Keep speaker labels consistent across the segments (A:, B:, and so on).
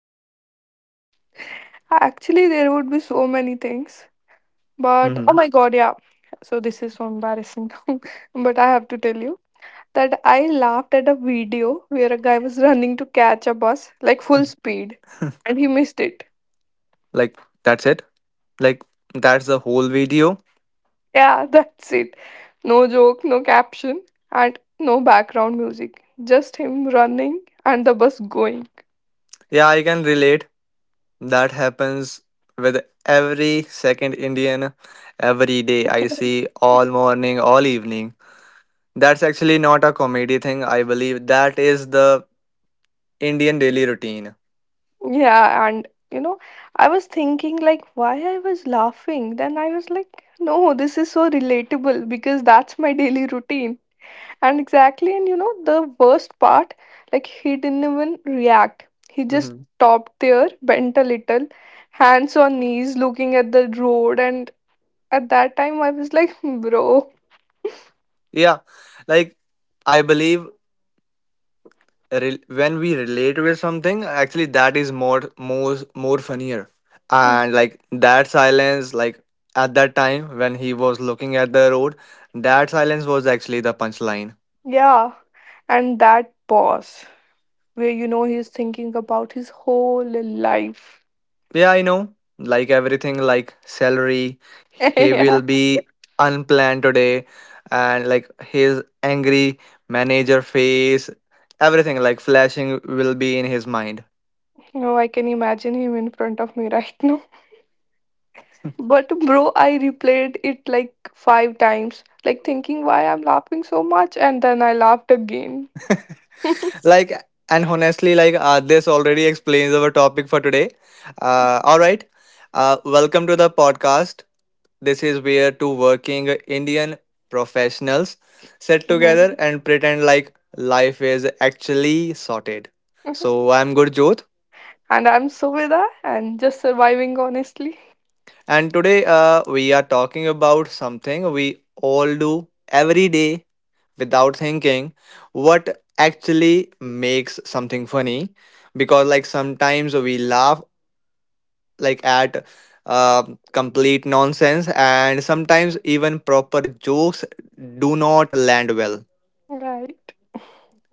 A: Hmm. Actually, there would be so many things, but oh
B: hmm
A: my god, yeah. So this is so embarrassing, but I have to tell you that I laughed at a video where a guy was running to catch a bus like full speed and he missed it.
B: Like that's it? Like that's the whole video?
A: Yeah, that's it. No joke, no caption, and no background music. Just him running and the bus going.
B: Yeah, I can relate. That happens with every second Indian every day. I see all morning, all evening. That's actually not a comedy thing, I believe. That is the Indian daily routine.
A: Yeah, and I was thinking like why I was laughing. Then I was like, no, this is so relatable because that's my daily routine. And exactly, and the worst part, like he didn't even react. He just
B: hmm
A: stopped there, bent a little, hands on knees, looking at the road. And at that time, I was like, bro,
B: Yeah, like I believe when we relate with something, actually that is more funnier. And like that silence, like at that time when he was looking at the road, that silence was actually the punchline.
A: yeah. And that pause where you know he's thinking about his whole life.
B: Yeah, I know. Like everything, like salary, he will be unplanned today, and like his angry manager face, everything like flashing will be in his mind.
A: No, I can imagine him in front of me right now. But bro, I replayed it like five times, like thinking why I'm laughing so much, and then I laughed again.
B: Like, and honestly, like, this already explains our topic for today. All right. Welcome to the podcast. This is where two working Indian professionals sit
A: Mhm.
B: together and pretend like life is actually sorted. So, I'm Gurjot,
A: And I'm Suveda and just surviving honestly.
B: and today we are talking about something we all do every day without thinking what actually makes something funny, because like sometimes we laugh like at complete nonsense, and sometimes even proper jokes do not land well.
A: Right.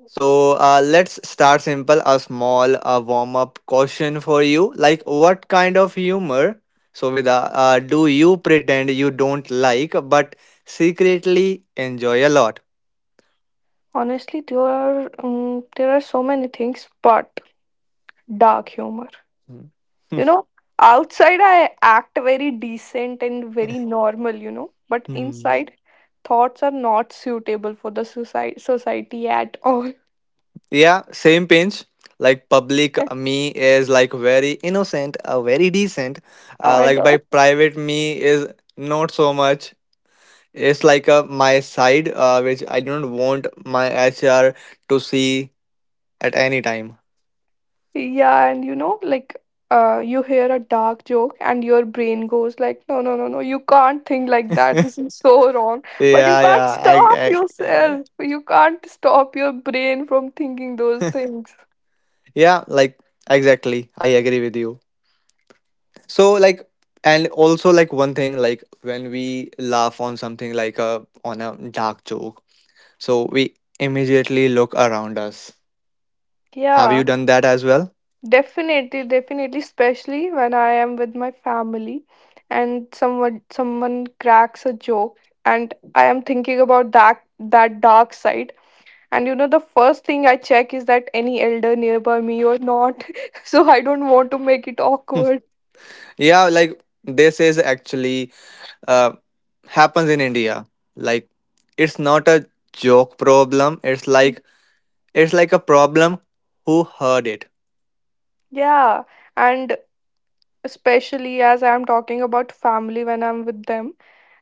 B: So let's start simple, a small warm up question for you. Like what kind of humor, so with do you pretend you don't like but secretly enjoy a lot?
A: Honestly, there are so many things, but dark humor. You know, Outside I act very decent and very normal. But
B: Hmm.
A: inside thoughts are not suitable for the society at all.
B: Yeah, same pinch. Like public me is like very innocent, very decent.
A: Oh my
B: Like by
A: God.
B: private me is not so much. It's like a my side, which I don't want my HR to see at any time.
A: Yeah, and like you hear a dark joke and your brain goes like, no, no, no, no, you can't think like that. This is so wrong. But you
B: Yeah,
A: can't
B: yeah,
A: stop
B: I, I, uh,
A: yourself. You can't stop your brain from thinking those things.
B: yeah, like exactly. I agree with you. So like, and also like one thing, like when we laugh on something like a on a dark joke, so we immediately look around us. Have
A: Yeah.
B: you done that as well?
A: Definitely, definitely, especially when I am with my family and someone cracks a joke and I am thinking about that dark side. And the first thing I check is that any elder nearby me or not. So I don't want to make it awkward.
B: Yeah, like this is actually uh, happens in India. Like it's not a joke problem. It's like a problem. Who heard it?
A: Yeah. And especially as I'm talking about family when I'm with them.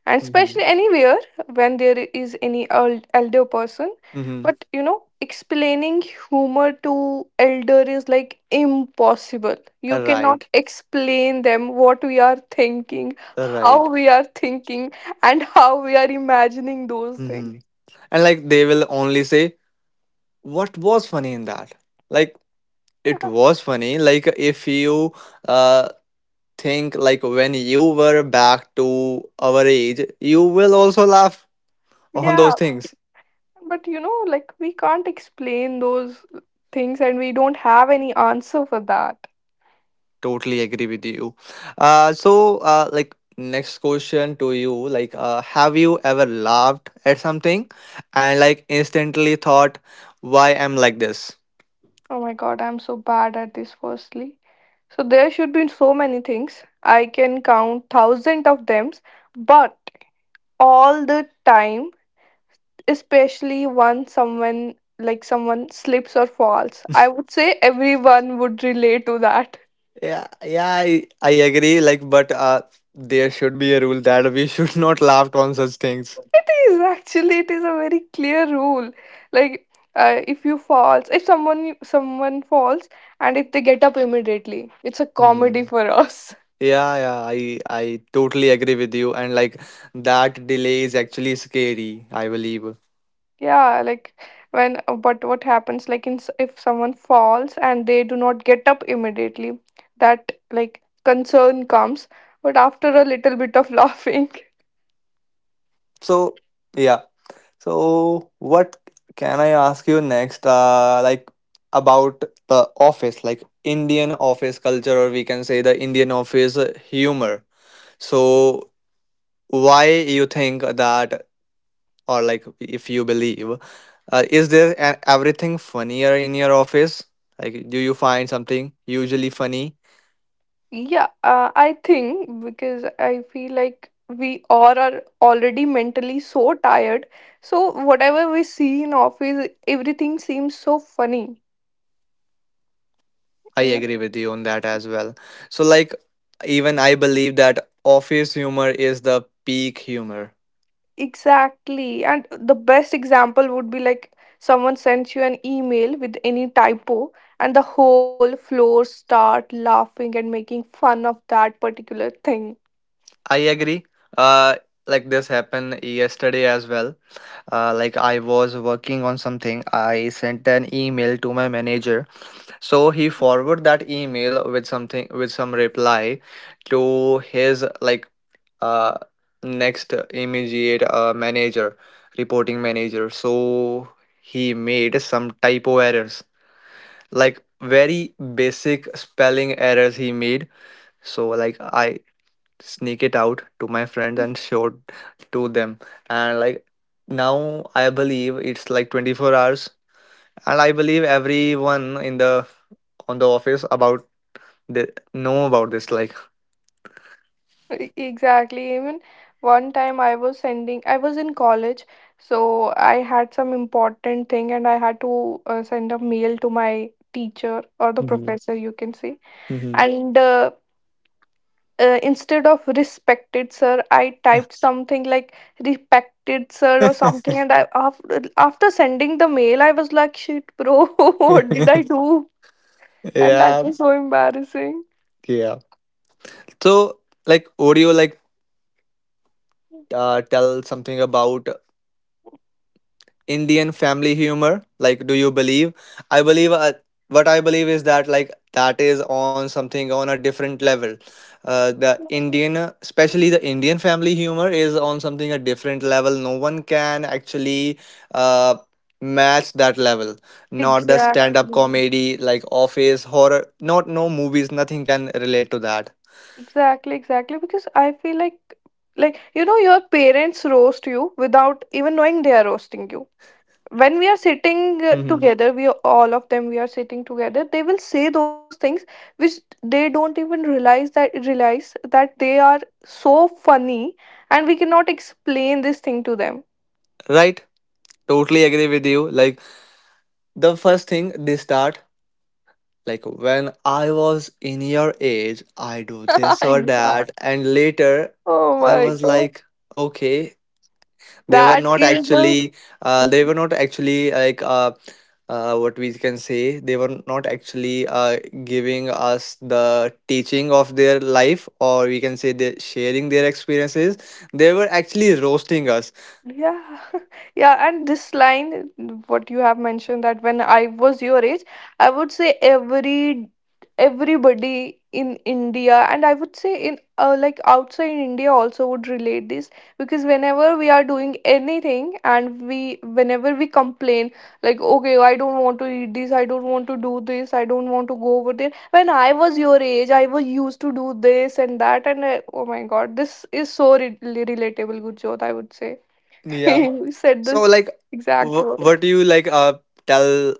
A: And
B: Mhm.
A: especially anywhere when there is any old elder person.
B: Mm-hmm.
A: But explaining humor to elder is like impossible. You cannot
B: Right.
A: explain them what we are thinking, how
B: Right.
A: we are thinking, and how we are imagining those things.
B: Mm-hmm. And like they will only say, what was funny in that? Like it was funny. Like if you uh think like when you were back to our age, you will also laugh on those
A: Yeah,
B: things.
A: but like we can't explain those things and we don't have any answer for that.
B: Totally agree with you. Like, next question to you, like, have you ever laughed at something and like instantly thought, why I'm like this?
A: Oh my god, I'm so bad at this, firstly. So there should be so many things. I can count thousand of them, but all the time, especially when someone slips or falls, I would say everyone would relate to that.
B: Yeah, yeah, I agree. Like, but there should be a rule that we should not laugh on such things.
A: It is actually, it is a very clear rule. Like if you falls, if someone someone falls and if they get up immediately, it's a comedy
B: Hmm.
A: for us.
B: Yeah, yeah, I totally agree with you, and like that delay is actually scary, I believe.
A: Yeah, like when but what happens like if someone falls and they do not get up immediately, that like concern comes, but after a little bit of laughing.
B: So, yeah. So, what can I ask you next? Like about the office, like Indian office culture, or we can say the Indian office humor. So, why you think that, or like if you believe, is there everything funnier in your office? Like, do you find something usually funny?
A: Yeah, I think because I feel like we all are already mentally so tired. So whatever we see in office, everything seems so funny.
B: I agree with you on that as well. So, like, even I believe that office humor is the peak humor.
A: Exactly. And the best example would be like someone sends you an email with any typo, and the whole floor start laughing and making fun of that particular thing.
B: I agree. Uh, like this happened yesterday as well. Like I was working on something. I sent an email to my manager. So he forwarded that email with something with some reply to his like uh next immediate manager, reporting manager. So he made some typo errors, like very basic spelling errors he made. So like I sneak it out to my friends and showed to them, and like now I believe it's like 24 hours and I believe everyone in the on the office about the know about this like.
A: Exactly. Even one time, I was in college, so I had some important thing and I had to send a mail to my teacher or the
B: hmm
A: professor, you can say.
B: hmm
A: And instead of respected sir I typed something like respected sir or something. And after sending the mail I was like, shit bro, what did I do? And that
B: yeah,
A: was so embarrassing.
B: yeah. So like would you like tell something about Indian family humor. Like, do you believe? I believe what I believe is that like that is on something on a different level. The Indian, especially the Indian family humor, is on something a different level. No one can actually uh, match that level. Not the
A: Exactly,
B: stand-up comedy, like Office, horror. Not no movies. Nothing can relate to that.
A: exactly, exactly, because I feel like you know your parents roast you without even knowing they are roasting you. When we are sitting
B: hmm
A: together, all of them we are sitting together, they will say those things which they don't even realize that they are so funny, and we cannot explain this thing to them.
B: Right? Totally agree with you. Like the first thing they start, like when I was in your age, I do this or
A: Yeah.
B: that, and later
A: Oh
B: I
A: my
B: was
A: god,
B: like, okay, they were
A: that
B: not
A: is the.
B: actually, they were not actually like, what we can say, they were not actually giving us the teaching of their life, or we can say they sharing their experiences. They were actually roasting us.
A: Yeah, yeah, and this line, what you have mentioned, that when I was your age, I would say everybody in India, and I would say in like outside India also, would relate this, because whenever we are doing anything and we whenever we complain, like, okay, I don't want to eat this, I don't want to do this, I don't want to go over there. When I was your age, I was used to do this and that. And oh my God, this is so re relatable, Gurjot, I would say.
B: Yeah.
A: You said
B: So
A: this
B: like,
A: exact word.
B: what do you like? Tell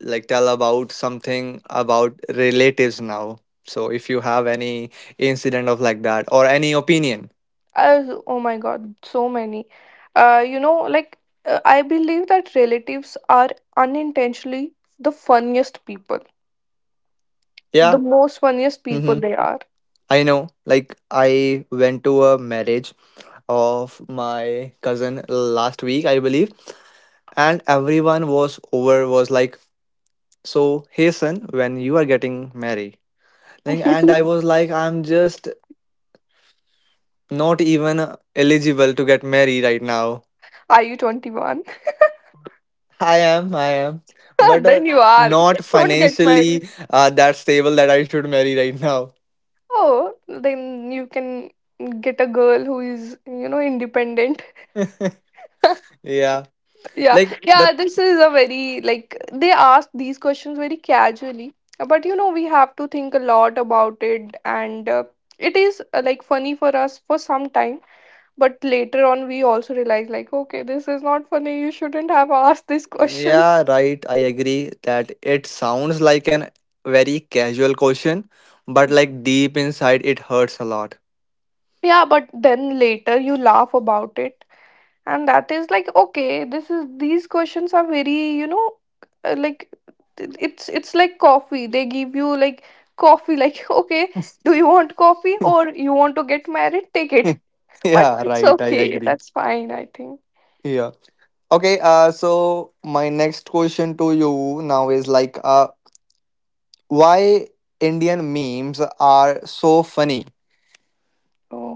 B: like tell about something about relatives now. So if you have any incident of like that or any opinion,
A: Oh my god, so many. Like, I believe that relatives are unintentionally the funniest people, the
B: yeah,
A: most funniest people
B: mm-hmm.
A: they are.
B: I know. Like I went to a marriage of my cousin last week, I believe, and everyone was over was like, so hey son, when you are getting married, like, and I was like, I'm just not even eligible to get married right now.
A: Are you 21?
B: I am, but
A: Then you are. You
B: not
A: just don't get married.
B: financially that stable that I should marry right now.
A: Oh, then you can get a girl who is, independent.
B: Yeah,
A: Yeah,
B: like
A: yeah,
B: the
A: this is a very like they ask these questions very casually, but we have to think a lot about it, and it is like funny for us for some time, but later on, we also realize, like, okay, this is not funny, you shouldn't have asked this question.
B: yeah, right. I agree that it sounds like an very casual question, but like deep inside, it hurts a lot.
A: Yeah, but then later you laugh about it. And that is like, okay, this is these questions are very like, it's like coffee. They give you like coffee, like, okay, do you want coffee or you want to get married? Take it.
B: Yeah,
A: But it's
B: right. I
A: okay,
B: agree.
A: that's fine, I think.
B: Yeah. Okay. So my next question to you now is like, why Indian memes are so funny?
A: Oh,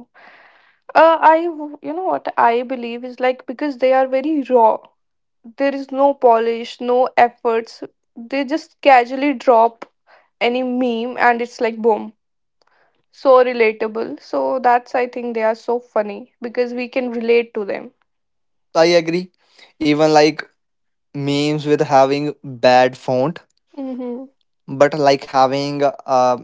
A: you know what I believe is, like, because they are very raw. There is no polish, no efforts. They just casually drop any meme and it's like boom. So relatable. So that's, I think, they are so funny because we can relate to them.
B: I agree. Even like memes with having bad font
A: Hmm.
B: but like having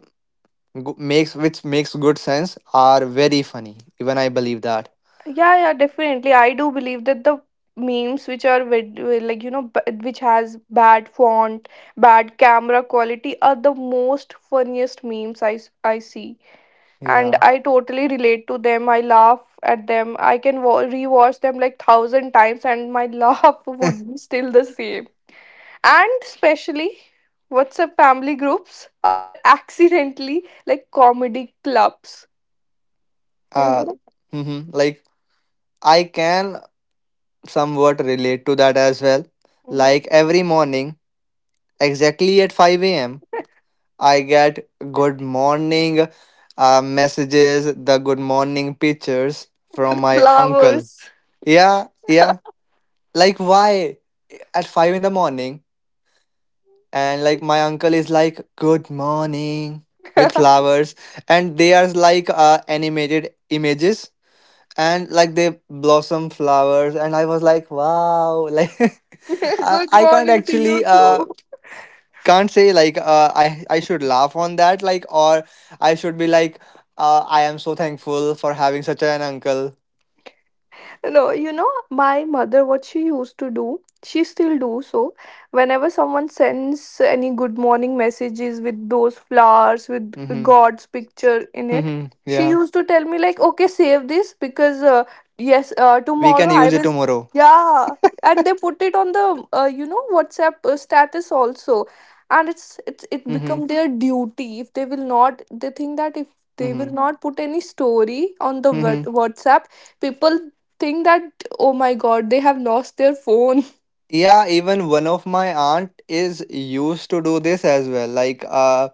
B: makes which makes good sense are very funny, even I believe that.
A: Yeah, yeah, definitely. I do believe that the memes which are with like, which has bad font, bad camera quality are the most funniest memes I see, and
B: Yeah.
A: I totally relate to them. I laugh at them. I can rewatch them like thousand times, and my laugh would be still the same. And especially WhatsApp family groups are accidentally like comedy clubs, you
B: uh
A: know,
B: mhm. Like I can somewhat relate to that as well, like
A: Mhm.
B: every morning exactly at 5 a.m. I get good morning messages, the good morning pictures from
A: With
B: my uncle.
A: flowers.
B: Yeah, yeah, like why at 5 in the morning, and like my uncle is like good morning with flowers, and they are like animated images, and like they blossom flowers and I was like wow. Like I,
A: Good
B: I can't
A: morning to you
B: actually
A: too.
B: can't say like i should laugh on that like or I should be like I am so thankful for having such an uncle.
A: No, my mother, what she used to do, she still do so. Whenever someone sends any good morning messages with those flowers with
B: Mm-hmm.
A: God's picture in it,
B: Mm-hmm.
A: she
B: Yeah,
A: used to tell me like, okay, save this because yes,
B: we can
A: tomorrow I
B: use it
A: will.
B: tomorrow.
A: Yeah, and they put it on the WhatsApp status also, and it
B: Mm-hmm.
A: become their duty if they will not. They think that if they will
B: Mm-hmm.
A: not put any story on the
B: Mm-hmm.
A: WhatsApp, people think that, oh my god, they have lost their phone.
B: Yeah, even one of my aunt is used to do this as well. Like,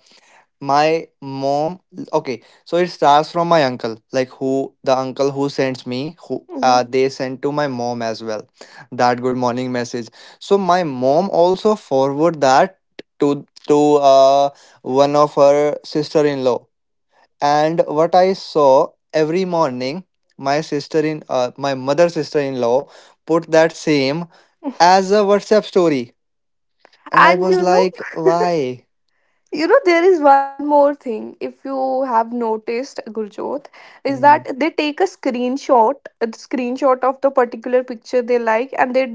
B: my mom. Okay, so it starts from my uncle, like who the uncle who sends me, who
A: Mhm.
B: they send to my mom as well, that good morning message. So my mom also forward that to one of her sister in law. And what I saw every morning, my sister in my mother sister in law put that same as a WhatsApp story and I
A: and
B: was
A: you know
B: like why.
A: you know there is one more thing, if you have noticed, Gurjot, is
B: hmm
A: that they take a screenshot of the particular picture they like, and they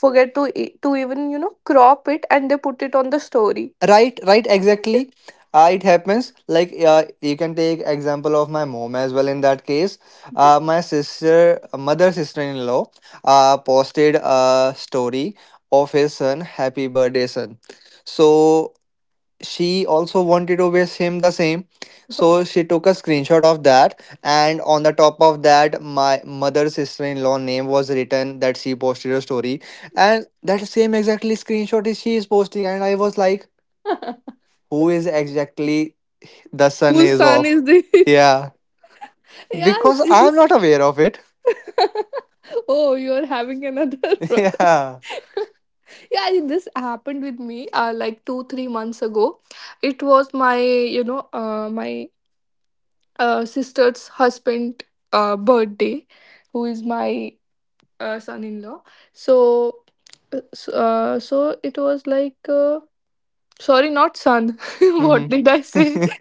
A: forget to even crop it, and they put it on the story.
B: right, right, exactly. It happens like you can take example of my mom as well in that case. My sister mother sister-in-law posted a story of his son happy birthday son, so she also wanted to wish him the same, so she took a screenshot of that, and on the top of that my mother's sister-in-law name was written that she posted a story, and that same exactly screenshot is she is posting, and I was like who is exactly the son
A: Whose
B: is
A: son
B: of?
A: is this?
B: Yeah,
A: Yeah, it,
B: because
A: it
B: I'm
A: is.
B: not aware of it.
A: Oh, you're having another brother.
B: Yeah.
A: Yeah, this happened with me like 2-3 months ago. It was my you know my sister's husband birthday, who is my son-in-law. So uh, s- uh, so it was like, sorry, not son. What
B: hmm
A: did I say?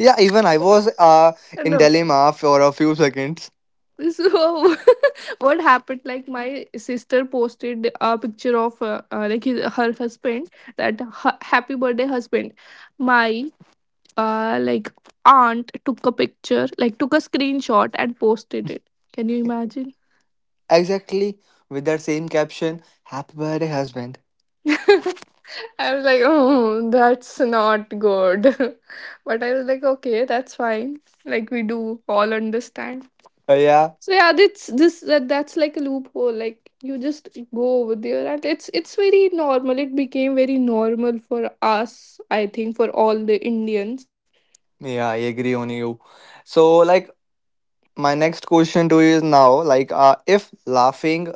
B: yeah, even I was in
A: No,
B: dilemma for a few seconds.
A: so, what happened, like my sister posted a picture of like her husband, that happy birthday husband. My like aunt took a picture, like took a screenshot and posted it. Can you imagine?
B: Exactly, with that same caption happy birthday husband.
A: I was like, oh, that's not good. But I was like, okay, that's fine. Like we do all understand.
B: Yeah,
A: So yeah, that's like a loophole. Like you just go over there, and it's very normal. It became very normal for us. I think for all the Indians.
B: yeah, I agree on you. So, like, my next question to you is now, like, if laughing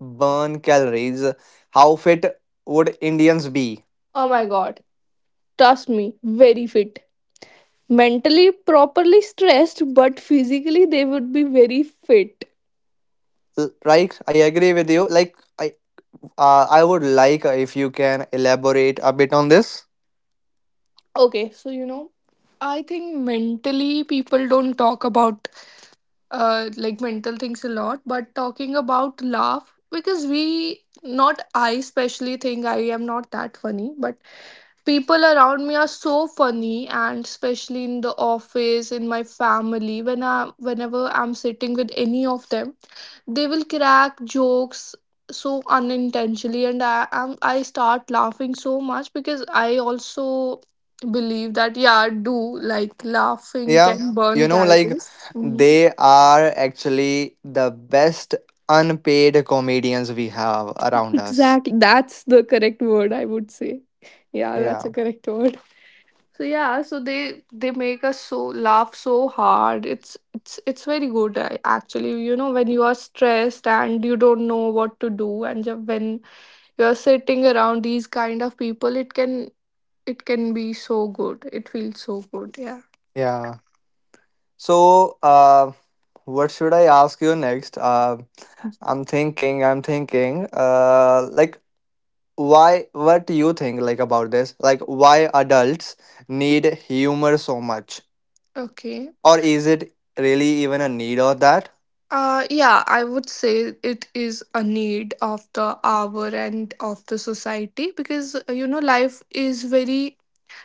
B: burn calories, how fit would Indians be?
A: Oh my god, trust me, very fit. Mentally properly stressed, but physically they would be very fit.
B: Right? I agree with you. Like, I would like if you can elaborate a bit on this.
A: Okay, so I think mentally people don't talk about like mental things a lot, but talking about laugh, because we not I especially think I am not that funny, but people around me are so funny, and especially in the office, in my family, when I whenever I'm sitting with any of them, they will crack jokes so unintentionally, and I start laughing so much, because I also believe that, yeah, I do, like laughing can,
B: Yeah,
A: yeah, burn
B: you know, like,
A: calories. Mm-hmm.
B: they are actually the best unpaid comedians we have around us.
A: Exactly. That's the correct word I would say. Yeah, that's
B: Yeah,
A: a correct word. So yeah, so they make us so laugh so hard. It's very actually. You know, when you are stressed and you don't know what to do, and when you are sitting around these kind of people, it can be so good. It feels so good. Yeah.
B: yeah. So, what should I ask you next? Like why, what do you think like about this? Like why adults need humor so much?
A: Okay.
B: Or is it really even a need of that?
A: Yeah, I would say it is a need of the hour and of the society because you know, life is very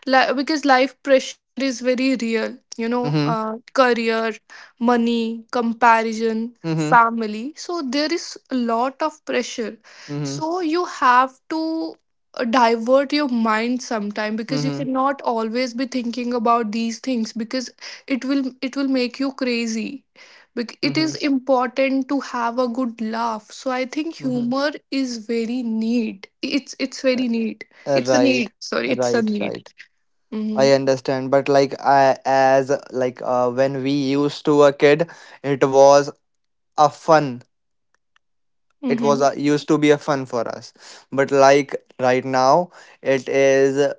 A: Li- because life pressure is very real, you know,
B: Mm-hmm.
A: career, money, comparison,
B: Mm-hmm.
A: family. So there is a lot of pressure.
B: Mm-hmm.
A: So you have to divert your mind sometime, because you
B: Mm-hmm.
A: cannot always be thinking about these things, because it will make you crazy. It
B: Mm-hmm.
A: is important to have a good laugh. So I think
B: Mm-hmm.
A: humor is very need. It's
B: Uh,
A: very need. It's a
B: right.
A: need. Sorry, it's a
B: Right.
A: need.
B: Right.
A: Mm-hmm.
B: I understand, but like I as like when we used to a kid, it was a fun, it was
A: Mm-hmm.
B: used to be a fun for us, but like right now it is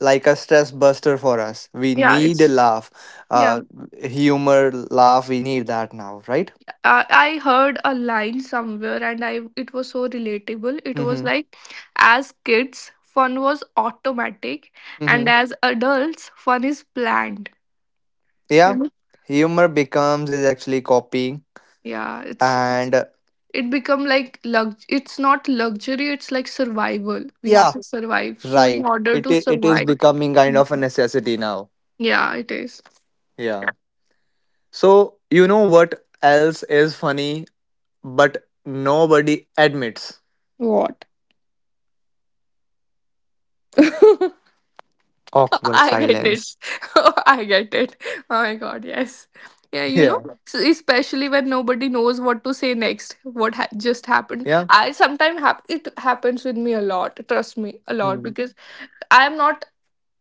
B: like a stress buster for us, we
A: Yeah,
B: need a
A: it's
B: laugh,
A: yeah.
B: uh humor, laugh, we need that now, right.
A: I, I heard a line somewhere and I it was so relatable. It was
B: Mm-hmm.
A: like, as kids, fun was automatic, and
B: Mm-hmm.
A: as adults, fun is planned. You
B: Yeah,
A: know?
B: humor becomes is actually copying,
A: Yeah,
B: and
A: it become like lux it's not luxury, it's like survival. We have
B: yeah,
A: to survive. So in
B: right,
A: order to
B: it is
A: survive,
B: becoming kind of a necessity now.
A: yeah, it is.
B: Yeah. So you know what else is funny but nobody admits?
A: What?
B: Awkward
A: I get it.
B: silence.
A: I get it. Oh my god, yes. Yeah, you know,
B: Yeah.
A: so especially when nobody knows what to say next, what just happened.
B: Yeah.
A: I sometimes it happens with me a lot. Trust me, a lot,
B: Mm.
A: because I am not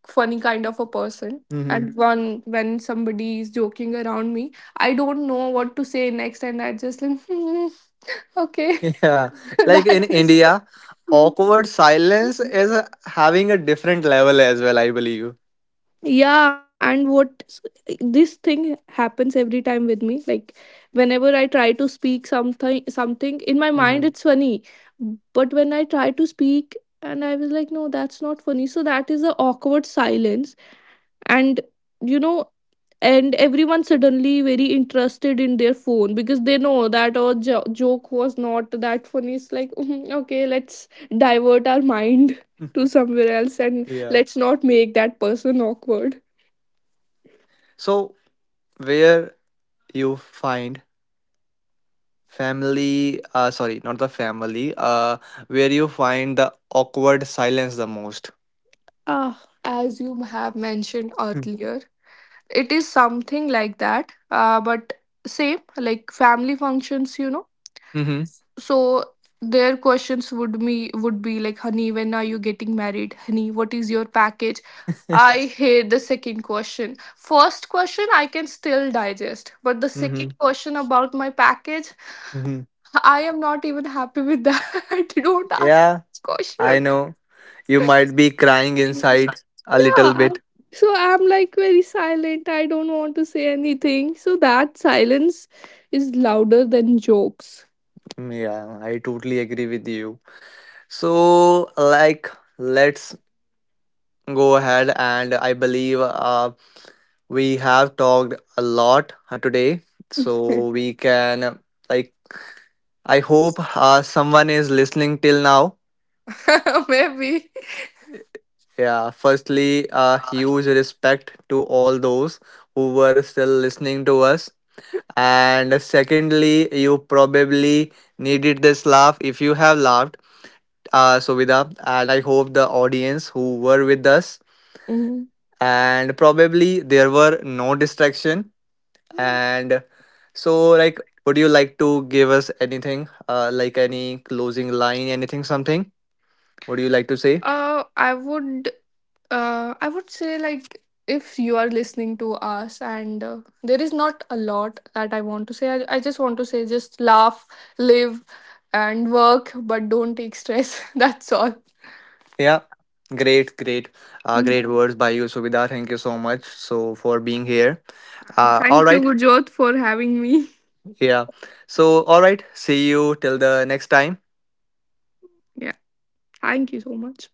A: funny kind of a person.
B: hmm
A: And mhm, one when somebody is joking around me, I don't know what to say next, and I just like, hmm, okay,
B: Yeah. Like in
A: that is.
B: India, awkward silence is having a different level as well, I believe.
A: Yeah, and what this thing happens every time with me. Like whenever I try to speak something in my mind
B: hmm
A: it's funny. But when I try to speak, and I was like, no, that's not funny. So that is a awkward silence. And you know, and everyone suddenly very interested in their phone because they know that our joke was not that funny. It's like, "Mhm, okay, let's divert our mind to somewhere else, and
B: Yeah.
A: let's not make that person awkward."
B: So, where you find family, sorry, not the family, where you find the awkward silence the most?
A: Uh, as you have mentioned
B: Mm-hmm.
A: earlier, it is something like that. But same, like family functions, you know. So their questions would be like, "Honey, when are you getting married? Honey, what is your package?" I hate the second question. First question I can still digest, but the
B: Mm-hmm.
A: second question about my package,
B: Mm-hmm.
A: I am not even happy with that. Don't ask
B: Yeah,
A: this
B: I
A: question.
B: know. You might be crying inside a little
A: Yeah.
B: bit.
A: So I'm like very silent. I don't want to say anything. So that silence is louder than jokes.
B: Mm, yeah, I totally agree with you. So, like, let's go ahead, and I believe we have talked a lot today. So,
A: Maybe.
B: we can, like, I hope someone is listening till now. Yeah, firstly, huge respect to all those who were still listening to us. And secondly, you probably needed this laugh if you have laughed. Uh, so, and I hope the audience who were with us
A: Mhm.
B: and probably there were no distraction, and so like would you like to give us anything like any closing line, anything, something would you like to say?
A: Uh, I would I would say, like, if you are listening to us, and there is not a lot that I want to say. I just want to say, just laugh, live and work, but don't take stress. That's all.
B: Yeah, great, great, great
A: Mm.
B: words by you Subidar, thank you so much so for being here. All
A: Thank you,
B: right.
A: Gurjot, for having me.
B: Yeah, so all right, see you till the next time.
A: Yeah. Thank you so much.